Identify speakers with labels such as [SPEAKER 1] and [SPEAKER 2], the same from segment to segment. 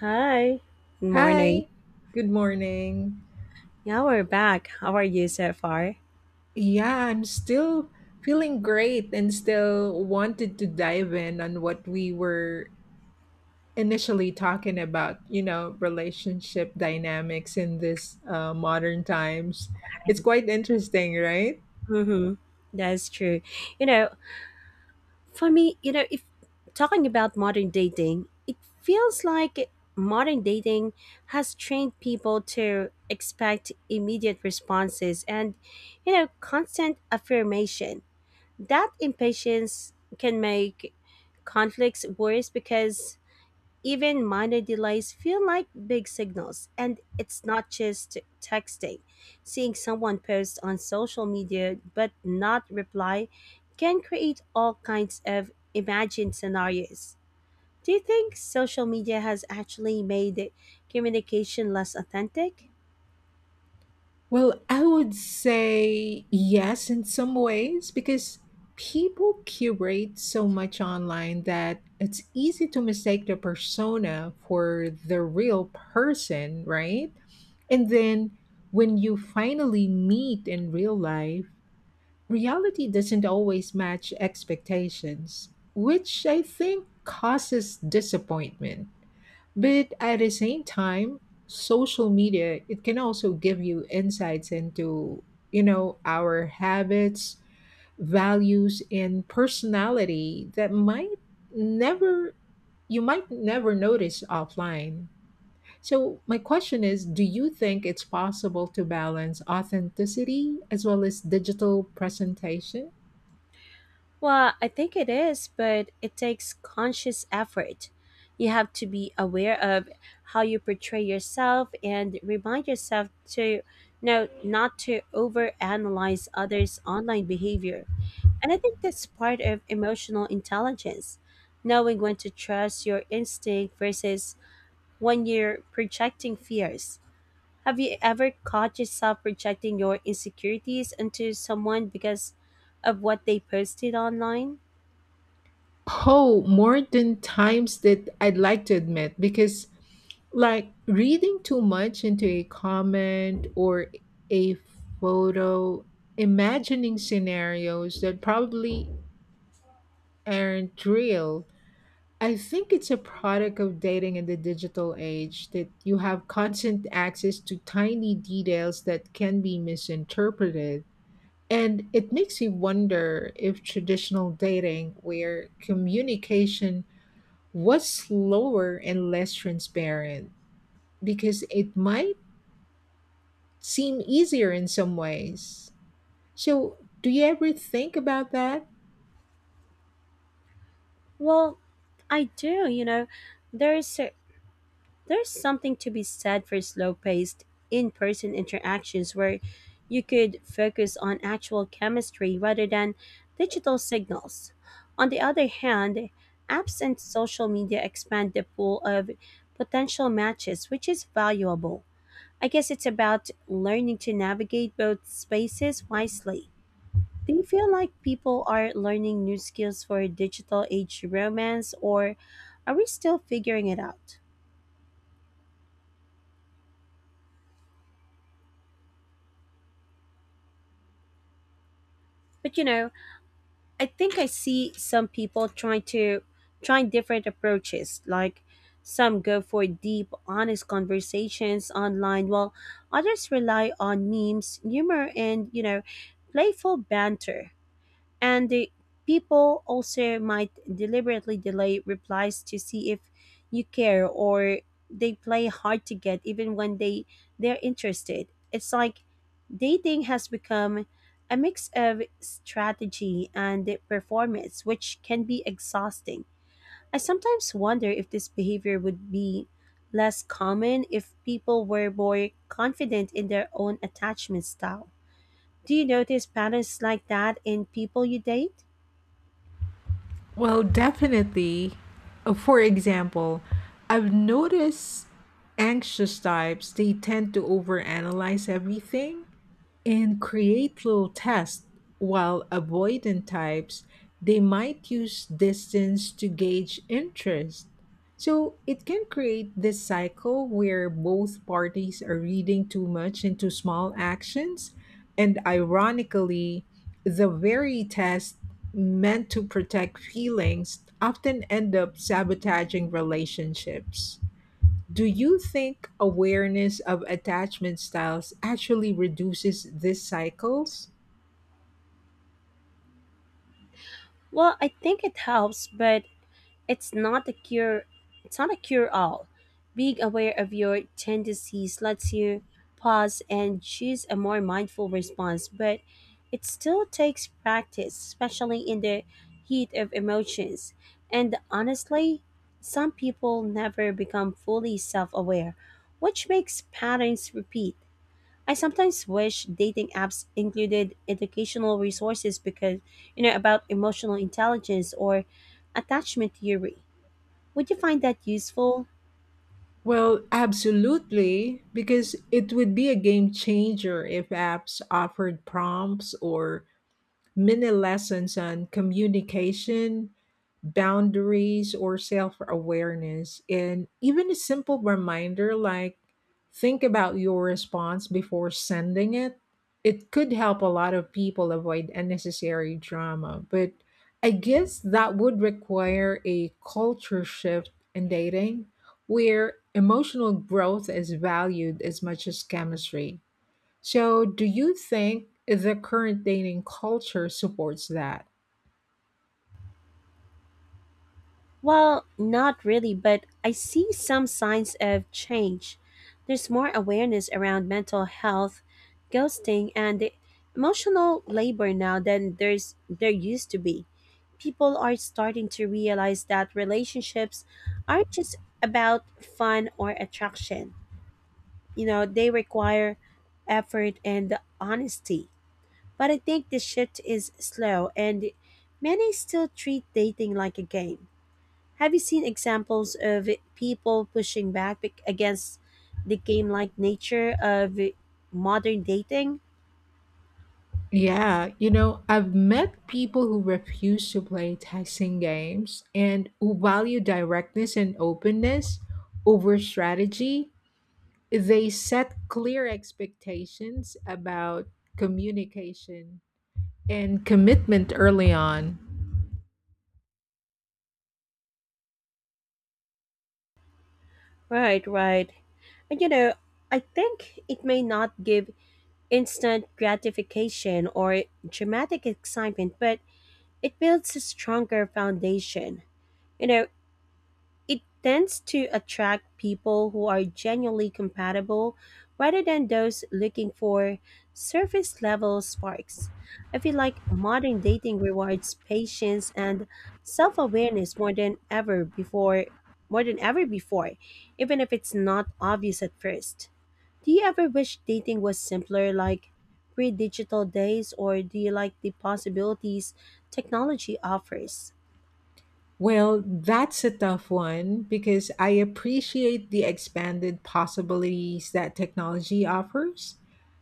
[SPEAKER 1] Hi. Good morning.
[SPEAKER 2] Hi, good morning.
[SPEAKER 1] Yeah, we're back. How are you so far?
[SPEAKER 2] Yeah, I'm still feeling great and still wanted to dive in on what we were initially talking about, you know, relationship dynamics in this modern times. It's quite interesting, right?
[SPEAKER 1] Mm-hmm. That's true. You know, for me, if talking about modern dating, it feels like modern dating has trained people to expect immediate responses and, constant affirmation. That impatience can make conflicts worse because even minor delays feel like big signals, and it's not just texting. Seeing someone post on social media but not reply can create all kinds of imagined scenarios. Do you think social media has actually made communication less authentic?
[SPEAKER 2] Well, I would say yes in some ways because people curate so much online that it's easy to mistake the persona for the real person, right? And then when you finally meet in real life, reality doesn't always match expectations, which I think causes disappointment. But at the same time, social media, it can also give you insights into, you know, our habits, values, and personality that might never you might never notice offline. So my question is, do you think it's possible to balance authenticity as well as digital presentation?
[SPEAKER 1] Well, I think it is, but it takes conscious effort. You have to be aware of how you portray yourself and remind yourself to no not to overanalyze others' online behavior. And I think that's part of emotional intelligence, knowing when to trust your instinct versus when you're projecting fears. Have you ever caught yourself projecting your insecurities onto someone because of what they posted online?
[SPEAKER 2] Oh, more than times that I'd like to admit because like reading too much into a comment or a photo, imagining scenarios that probably aren't real. I think it's a product of dating in the digital age that you have constant access to tiny details that can be misinterpreted. And it makes you wonder if traditional dating, where communication was slower and less transparent, because it might seem easier in some ways. So, do you ever think about that?
[SPEAKER 1] Well, I do, you know, there's a- there's something to be said for slow-paced in-person interactions where you could focus on actual chemistry rather than digital signals. On the other hand, apps and social media expand the pool of potential matches, which is valuable. I guess it's about learning to navigate both spaces wisely. Do you feel like people are learning new skills for digital age romance, or are we still figuring it out? But you know, I think I see some people trying different approaches. Like some go for deep, honest conversations online, while others rely on memes, humor, and playful banter. And the people also might deliberately delay replies to see if you care or they play hard to get even when they're interested. It's like dating has become a mix of strategy and performance, which can be exhausting. I sometimes wonder if this behavior would be less common if people were more confident in their own attachment style. Do you notice patterns like that in people you date?
[SPEAKER 2] Well, definitely. For example, I've noticed anxious types, they tend to overanalyze everything, and create little tests while avoidant types, they might use distance to gauge interest, so it can create this cycle where both parties are reading too much into small actions. And ironically, the very test meant to protect feelings often end up sabotaging relationships. Do you think awareness of attachment styles actually reduces these cycles?
[SPEAKER 1] Well, I think it helps, but it's not a cure it's not a cure all. Being aware of your tendencies lets you pause and choose a more mindful response, but it still takes practice, especially in the heat of emotions. And honestly, some people never become fully self-aware, which makes patterns repeat. I sometimes wish dating apps included educational resources because, about emotional intelligence or attachment theory. Would you find that useful?
[SPEAKER 2] Well, absolutely, because it would be a game changer if apps offered prompts or many lessons on communication, boundaries, or self awareness. And even a simple reminder like, think about your response before sending it. It could help a lot of people avoid unnecessary drama. But I guess that would require a culture shift in dating where emotional growth is valued as much as chemistry. So, do you think the current dating culture supports that?
[SPEAKER 1] Well, not really, but I see some signs of change. There's more awareness around mental health, ghosting, and the emotional labor now than there used to be. People are starting to realize that relationships aren't just about fun or attraction. You know, they require effort and honesty. But I think the shift is slow, and many still treat dating like a game. Have you seen examples of people pushing back against the game like nature of modern dating?
[SPEAKER 2] Yeah, you know, I've met people who refuse to play texting games and who value directness and openness over strategy. They set clear expectations about communication and commitment early on.
[SPEAKER 1] Right, right. And you know, I think it may not give instant gratification or dramatic excitement, but it builds a stronger foundation. You know, it tends to attract people who are genuinely compatible rather than those looking for surface level sparks. I feel like modern dating rewards patience and self awareness more than ever before, even if it's not obvious at first. Do you ever wish dating was simpler, like pre digital days, or do you like the possibilities technology offers?
[SPEAKER 2] Well, that's a tough one because I appreciate the expanded possibilities that technology offers,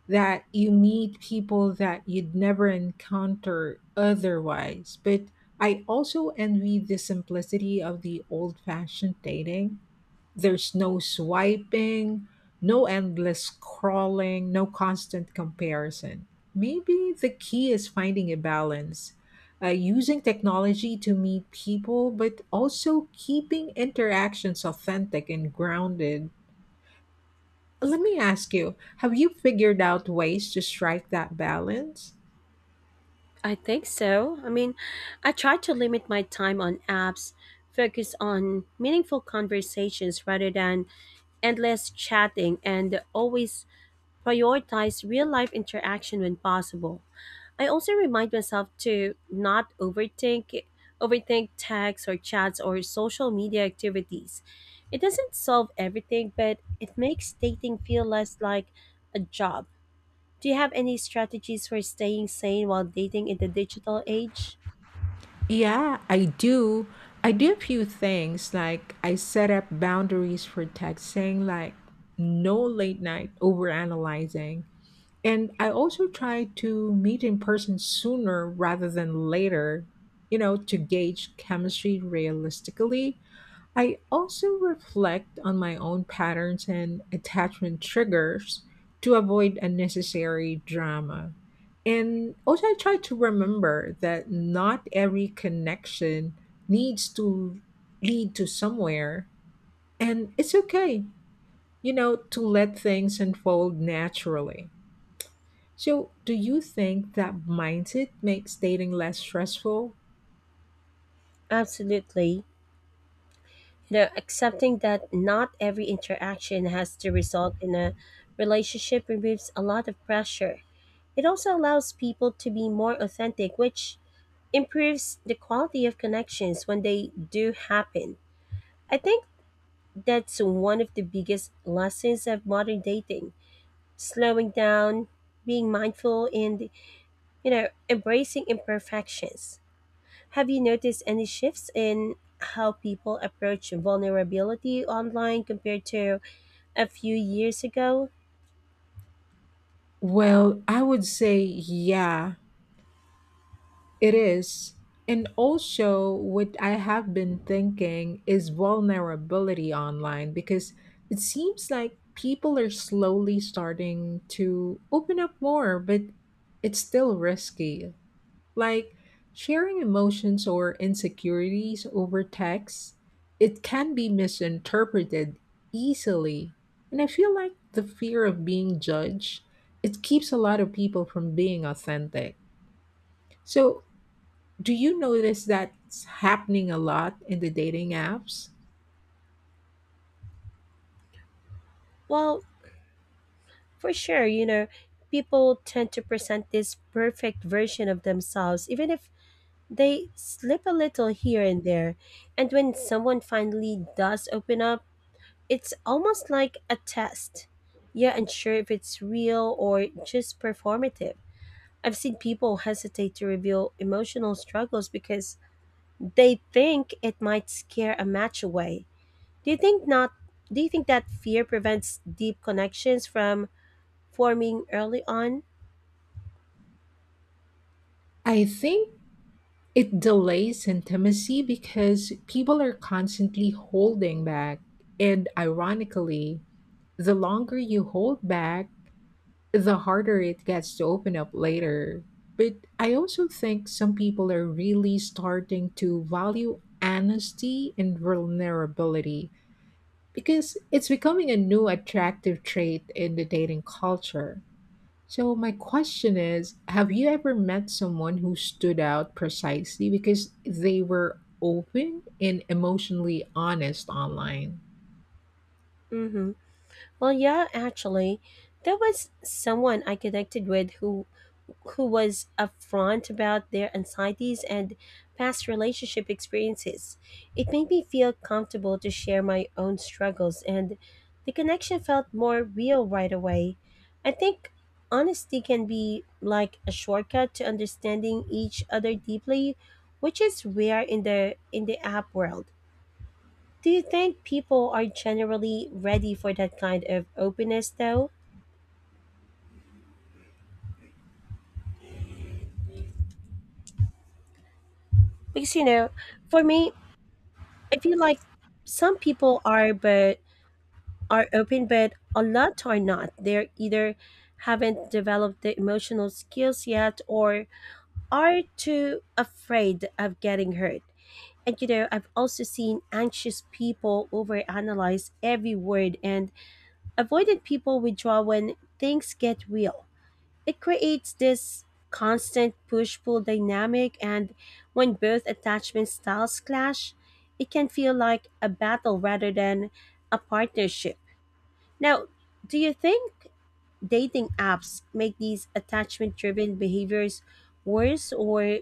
[SPEAKER 2] that you meet people that you'd never encounter otherwise. But I also envy the simplicity of the old fashioned dating. There's no swiping, no endless scrolling, no constant comparison. Maybe the key is finding a balance, using technology to meet people, but also keeping interactions authentic and grounded. Let me ask you, have you figured out ways to strike that balance?
[SPEAKER 1] I think so. I mean, I try to limit my time on apps, focus on meaningful conversations rather than endless chatting, and always prioritize real life interaction when possible. I also remind myself to not overthink overthink texts or chats or social media activities. It doesn't solve everything, but it makes dating feel less like a job. Do you have any strategies for staying sane while dating in the digital age?
[SPEAKER 2] Yeah, I do. I do a few things like I set up boundaries for text saying like no late night overanalyzing. And I also try to meet in person sooner rather than later, you know, to gauge chemistry realistically. I also reflect on my own patterns and attachment triggers to avoid unnecessary drama. And also, I try to remember that not every connection needs to lead to somewhere. And it's okay, you know, to let things unfold naturally. So, do you think that mindset makes dating less stressful?
[SPEAKER 1] Absolutely. You know, accepting that not every interaction has to result in a relationship removes a lot of pressure. It also allows people to be more authentic, which improves the quality of connections when they do happen. I think that's one of the biggest lessons of modern dating: slowing down, being mindful, and, embracing imperfections. Have you noticed any shifts in how people approach vulnerability online compared to a few years ago?
[SPEAKER 2] Well, I would say, yeah, it is. And also, what I have been thinking is vulnerability online because it seems like people are slowly starting to open up more, but it's still risky. Like sharing emotions or insecurities over text, it can be misinterpreted easily. And I feel like the fear of being judged, it keeps a lot of people from being authentic. So, do you notice that's happening a lot in the dating apps?
[SPEAKER 1] Well, for sure, you know, people tend to present this perfect version of themselves, even if they slip a little here and there. And when someone finally does open up, it's almost like a test. You're unsure if it's real or just performative. I've seen people hesitate to reveal emotional struggles because they think it might scare a match away. Do you think not Do you think that fear prevents deep connections from forming early on?
[SPEAKER 2] I think it delays intimacy because people are constantly holding back. And ironically, the longer you hold back, the harder it gets to open up later. But I also think some people are really starting to value honesty and vulnerability because it's becoming a new attractive trait in the dating culture. So, my question is, have you ever met someone who stood out precisely because they were open and emotionally honest online?
[SPEAKER 1] Mhm. Well, yeah, actually, there was someone I connected with who was upfront about their anxieties and past relationship experiences. It made me feel comfortable to share my own struggles, and the connection felt more real right away. I think honesty can be like a shortcut to understanding each other deeply, which is rare in the app world. Do you think people are generally ready for that kind of openness though? Because you know, for me, I feel like some people are but are open, but a lot are not. They're either haven't developed the emotional skills yet or are too afraid of getting hurt. And you know, I've also seen anxious people overanalyze every word and avoidant people withdraw when things get real. It creates this constant push pull dynamic, and when both attachment styles clash, it can feel like a battle rather than a partnership. Now, do you think dating apps make these attachment driven behaviors worse or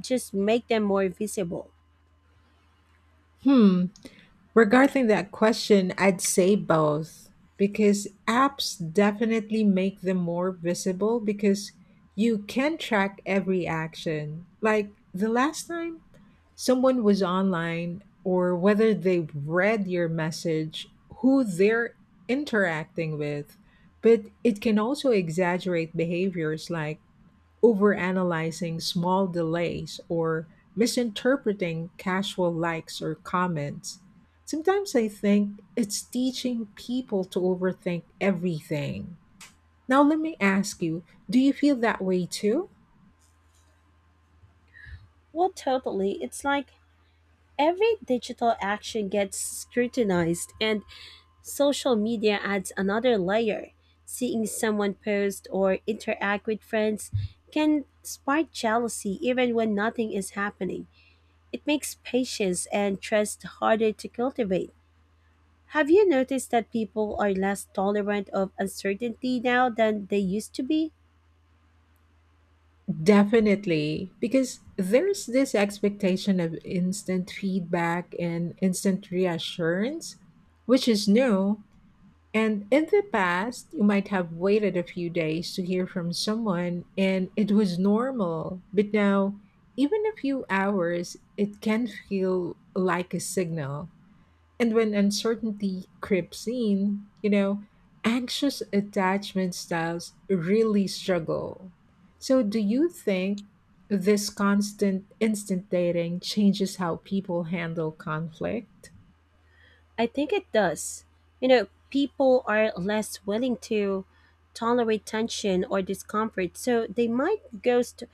[SPEAKER 1] just make them more visible?
[SPEAKER 2] Hmm, regarding that question, I'd say both, because apps definitely make them more visible because you can track every action. Like the last time someone was online or whether they read your message, who they're interacting with. But it can also exaggerate behaviors like overanalyzing small delays or misinterpreting casual likes or comments. Sometimes I think it's teaching people to overthink everything. Now, let me ask you, do you feel that way too?
[SPEAKER 1] Well, totally. It's like every digital action gets scrutinized, and social media adds another layer. Seeing someone post or interact with friends can spark jealousy even when nothing is happening. It makes patience and trust harder to cultivate. Have you noticed that people are less tolerant of uncertainty now than they used to be?
[SPEAKER 2] Definitely, because there's this expectation of instant feedback and instant reassurance, which is new. And in the past, you might have waited a few days to hear from someone and it was normal. But now, even a few hours, it can feel like a signal. And when uncertainty creeps in, you know, anxious attachment styles really struggle. So, do you think this constant instant dating changes how people handle conflict?
[SPEAKER 1] I think it does. You know, people are less willing to tolerate tension or discomfort, so they might ghost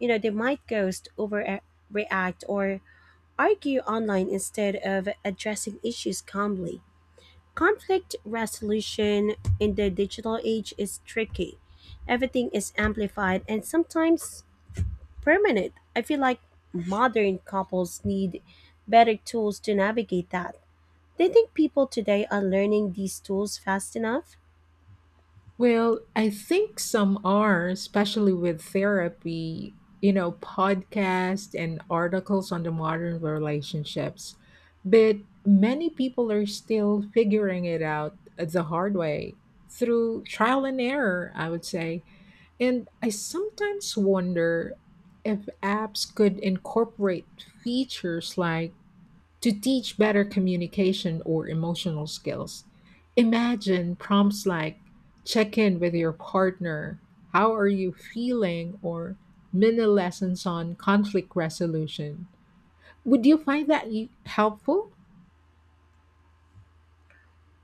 [SPEAKER 1] You know, they might ghost, overreact, or argue online instead of addressing issues calmly. Conflict resolution in the digital age is tricky. Everything is amplified and sometimes permanent. I feel like modern couples need better tools to navigate that. Do you think people today are learning these tools fast enough?
[SPEAKER 2] Well, I think some are, especially with therapy, you know, podcasts and articles on the modern relationships. But many people are still figuring it out the hard way through trial and error, I would say. And I sometimes wonder if apps could incorporate features like to teach better communication or emotional skills, imagine prompts like check in with your partner, how are you feeling, or mini lessons on conflict resolution. Would you find that helpful?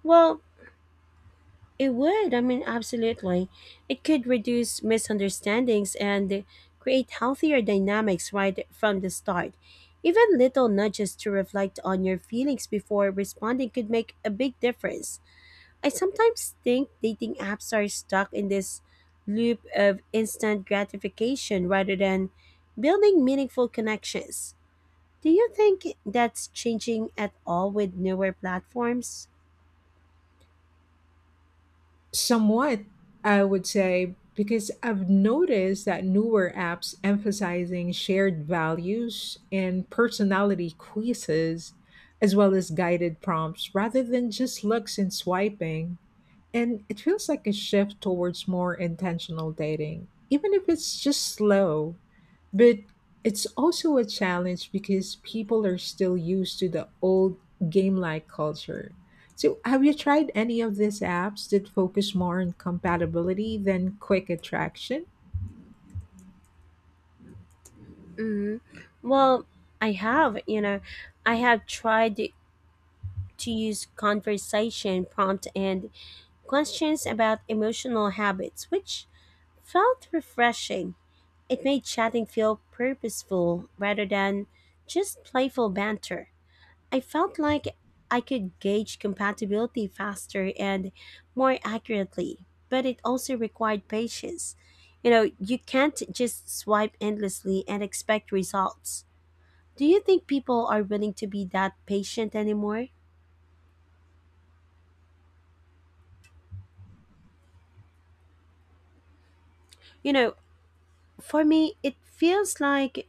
[SPEAKER 1] Well, it would. I mean, absolutely. It could reduce misunderstandings and create healthier dynamics right from the start. Even little nudges to reflect on your feelings before responding could make a big difference. I sometimes think dating apps are stuck in this loop of instant gratification rather than building meaningful connections. Do you think that's changing at all with newer platforms?
[SPEAKER 2] Somewhat, I would say, because I've noticed that newer apps emphasizing shared values and personality quizzes, as well as guided prompts, rather than just looks and swiping. And it feels like a shift towards more intentional dating, even if it's just slow. But it's also a challenge because people are still used to the old game like culture. So, have you tried any of these apps that focus more on compatibility than quick attraction?
[SPEAKER 1] Hmm. Well, I have, you know, I have tried to use conversation prompt and questions about emotional habits, which felt refreshing. It made chatting feel purposeful rather than just playful banter. I felt like I could gauge compatibility faster and more accurately, but it also required patience. You know, you can't just swipe endlessly and expect results. Do you think people are willing to be that patient anymore? You know, for me, it feels like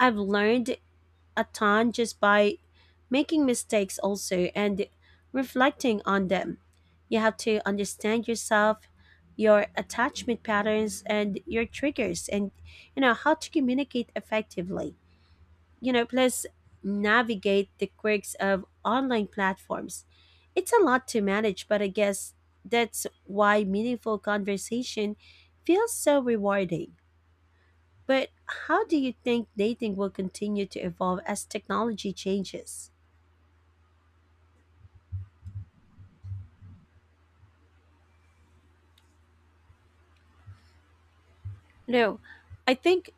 [SPEAKER 1] I've learned a ton just by making mistakes also and reflecting on them. You have to understand yourself, your attachment patterns and your triggers and you know how to communicate effectively. You know, plus navigate the quirks of online platforms. It's a lot to manage, but I guess that's why meaningful conversation feels so rewarding. But how do you think dating will continue to evolve as technology changes? No, I think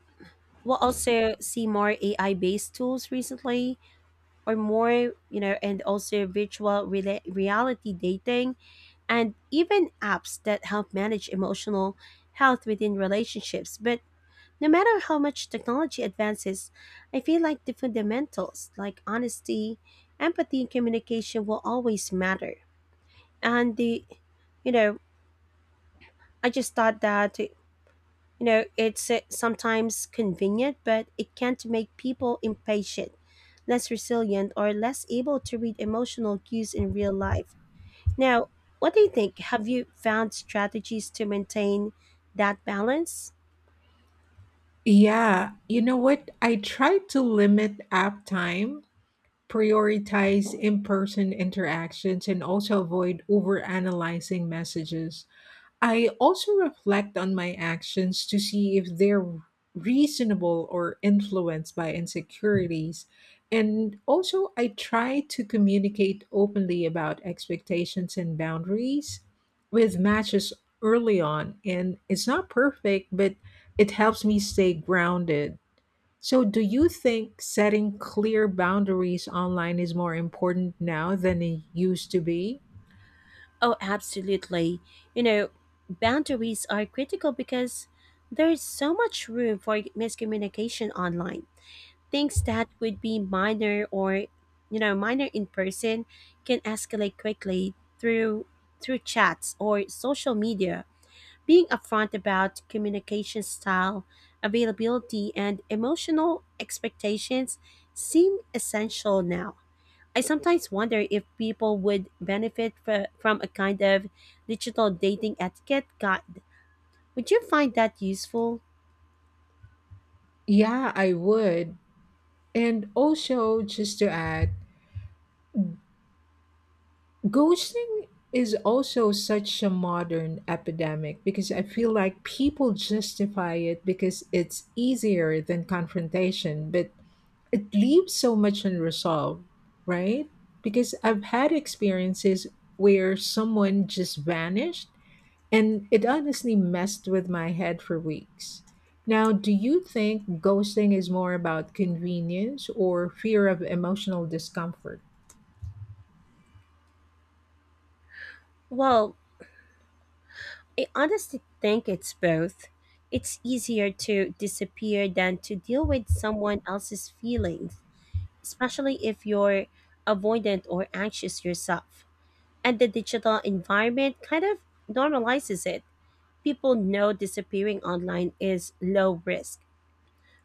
[SPEAKER 1] we'll also see more AI based tools recently, or more, you know, and also virtual reality dating and even apps that help manage emotional health within relationships. But no matter how much technology advances, I feel like the fundamentals like honesty, empathy, and communication will always matter. And you know, I just thought that, it's sometimes convenient, but it can't make people impatient, less resilient, or less able to read emotional cues in real life. Now, what do you think? Have you found strategies to maintain that balance?
[SPEAKER 2] Yeah, you know what? I try to limit app time, prioritize in person interactions, and also avoid overanalyzing messages. I also reflect on my actions to see if they're reasonable or influenced by insecurities. And also, I try to communicate openly about expectations and boundaries with matches early on. And it's not perfect, but it helps me stay grounded. So, do you think setting clear boundaries online is more important now than it used to be?
[SPEAKER 1] Oh, absolutely. You know, boundaries are critical because there's so much room for miscommunication online. Things that would be minor or, minor in person can escalate quickly through through chats or social media. Being upfront about communication style, availability, and emotional expectations seem essential now. I sometimes wonder if people would benefit from a kind of digital dating etiquette guide. Would you find that useful?
[SPEAKER 2] Yeah, I would. And also, just to add, ghosting is also such a modern epidemic because I feel like people justify it because it's easier than confrontation, but it leaves so much unresolved, right? Because I've had experiences where someone just vanished and it honestly messed with my head for weeks. Now, do you think ghosting is more about convenience or fear of emotional discomfort?
[SPEAKER 1] Well, I honestly think it's both. It's easier to disappear than to deal with someone else's feelings, especially if you're avoidant or anxious yourself. And the digital environment kind of normalizes it. People know disappearing online is low risk,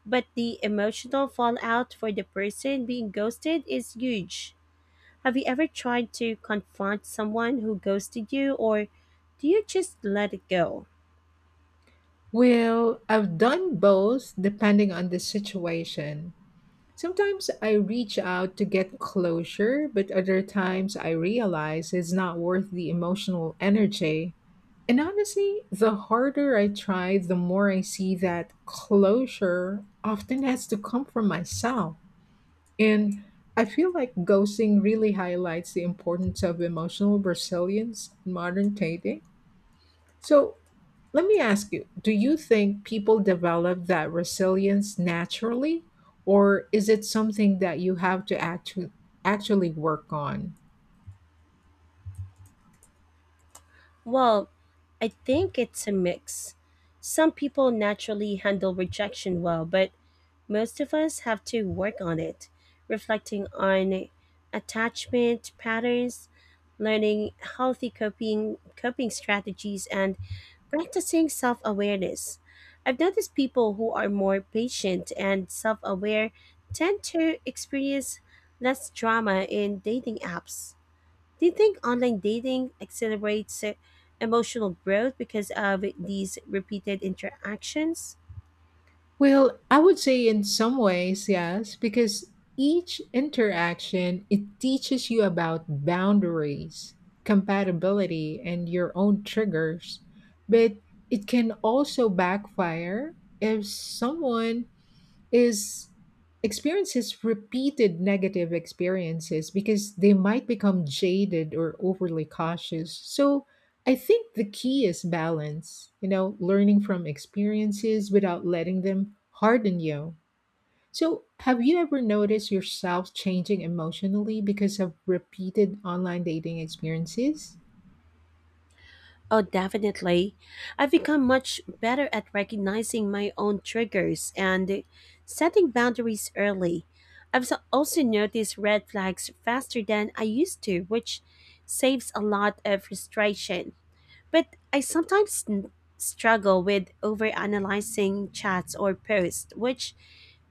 [SPEAKER 1] but the emotional fallout for the person being ghosted is huge. Have you ever tried to confront someone who ghosted you, or do you just let it go?
[SPEAKER 2] Well, I've done both depending on the situation. Sometimes I reach out to get closure, but other times I realize it's not worth the emotional energy. And honestly, the harder I try, the more I see that closure often has to come from myself. And I feel like ghosting really highlights the importance of emotional resilience in modern dating. So, let me ask you, do you think people develop that resilience naturally, or is it something that you have to actually work on?
[SPEAKER 1] Well, I think it's a mix. Some people naturally handle rejection well, but most of us have to work on it, reflecting on attachment patterns, learning healthy coping strategies and practicing self-awareness. I've noticed people who are more patient and self-aware tend to experience less drama in dating apps. Do you think online dating accelerates emotional growth because of these repeated interactions?
[SPEAKER 2] Well, I would say in some ways, yes, because each interaction it teaches you about boundaries, compatibility and your own triggers, but it can also backfire if someone is experiences repeated negative experiences because they might become jaded or overly cautious. So I think the key is balance, you know, learning from experiences without letting them harden you. So, have you ever noticed yourself changing emotionally because of repeated online dating experiences?
[SPEAKER 1] Oh, definitely. I've become much better at recognizing my own triggers and setting boundaries early. I've also noticed red flags faster than I used to, which saves a lot of frustration. But I sometimes struggle with overanalyzing chats or posts, which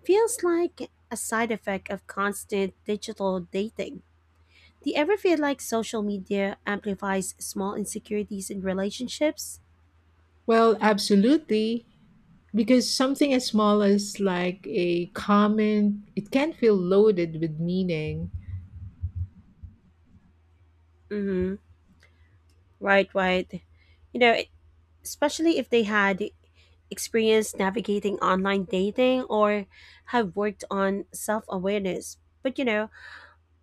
[SPEAKER 1] feels like a side effect of constant digital dating. Do you ever feel like social media amplifies small insecurities in relationships?
[SPEAKER 2] Well, absolutely. Because something as small as like a comment, it can feel loaded with meaning.
[SPEAKER 1] Mm-hmm. Right, right. You know, especially if they had experience navigating online dating or have worked on self awareness. But you know,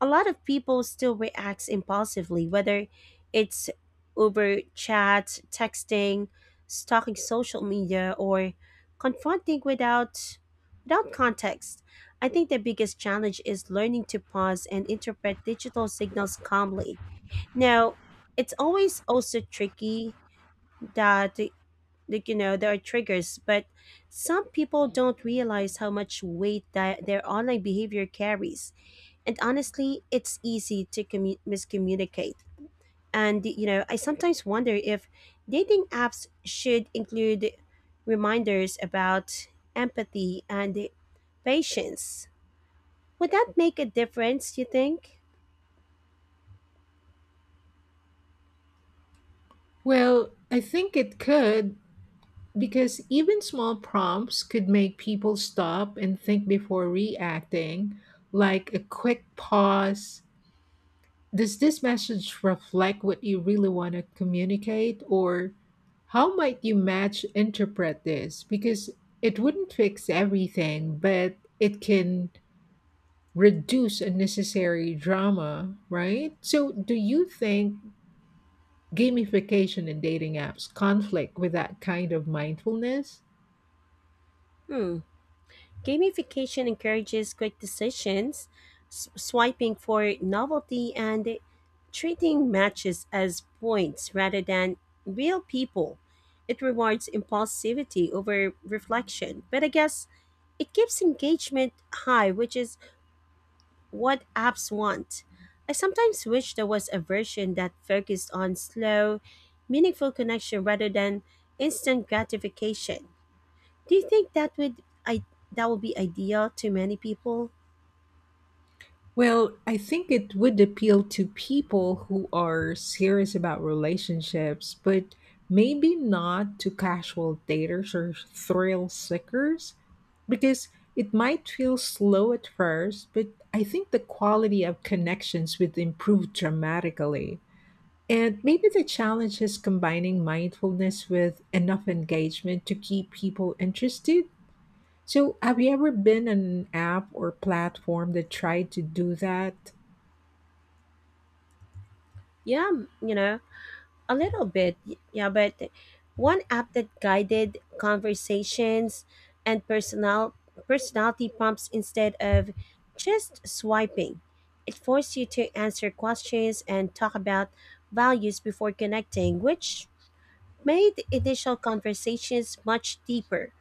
[SPEAKER 1] a lot of people still reacts impulsively, whether it's over chat, texting, stalking social media, or confronting without without context. I think the biggest challenge is learning to pause and interpret digital signals calmly. Now, it's always also tricky that like, you know there are triggers, but some people don't realize how much weight that their online behavior carries, and honestly, it's easy to miscommunicate. And, you know, I sometimes wonder if dating apps should include reminders about empathy and patience. Would that make a difference, you think?
[SPEAKER 2] Well, I think it could, because even small prompts could make people stop and think before reacting, like a quick pause. Does this message reflect what you really want to communicate? Or how might you match interpret this? Because it wouldn't fix everything, but it can reduce unnecessary drama, right? So, do you think gamification in dating apps conflict with that kind of mindfulness?
[SPEAKER 1] Hmm. Gamification encourages quick decisions, swiping for novelty, and treating matches as points rather than real people. It rewards impulsivity over reflection, but I guess it keeps engagement high, which is what apps want. I sometimes wish there was a version that focused on slow, meaningful connection rather than instant gratification. Do you think that would I that would be ideal to many people?
[SPEAKER 2] Well, I think it would appeal to people who are serious about relationships, but maybe not to casual daters or thrill seekers because it might feel slow at first, but I think the quality of connections would improve dramatically. And maybe the challenge is combining mindfulness with enough engagement to keep people interested. So, have you ever been on an app or platform that tried to do that?
[SPEAKER 1] Yeah, you know, a little bit. Yeah, but one app that guided conversations and personality prompts instead of just swiping. It forced you to answer questions and talk about values before connecting, which made initial conversations much deeper.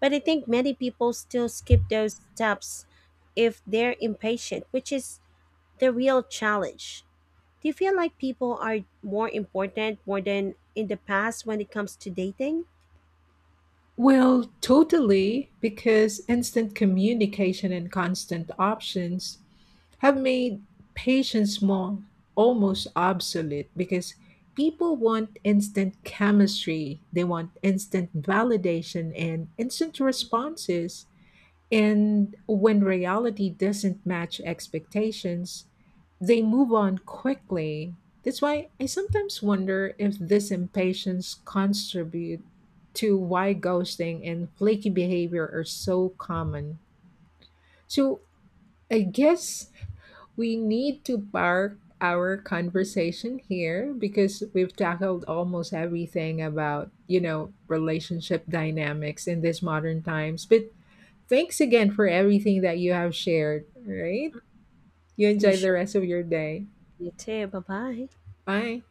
[SPEAKER 1] But I think many people still skip those steps if they're impatient, which is the real challenge. Do you feel like people are more than in the past when it comes to dating?
[SPEAKER 2] Well, totally, because instant communication and constant options have made patience more almost obsolete because people want instant chemistry, they want instant validation and instant responses. And when reality doesn't match expectations, they move on quickly. That's why I sometimes wonder if this impatience contribute to why ghosting and flaky behavior are so common. So I guess we need to park our conversation here because we've tackled almost everything about, you know, relationship dynamics in these modern times. But thanks again for everything that you have shared. All right. You
[SPEAKER 1] You
[SPEAKER 2] enjoy the
[SPEAKER 1] sure?
[SPEAKER 2] rest of your day.
[SPEAKER 1] You too. Bye bye.
[SPEAKER 2] Bye.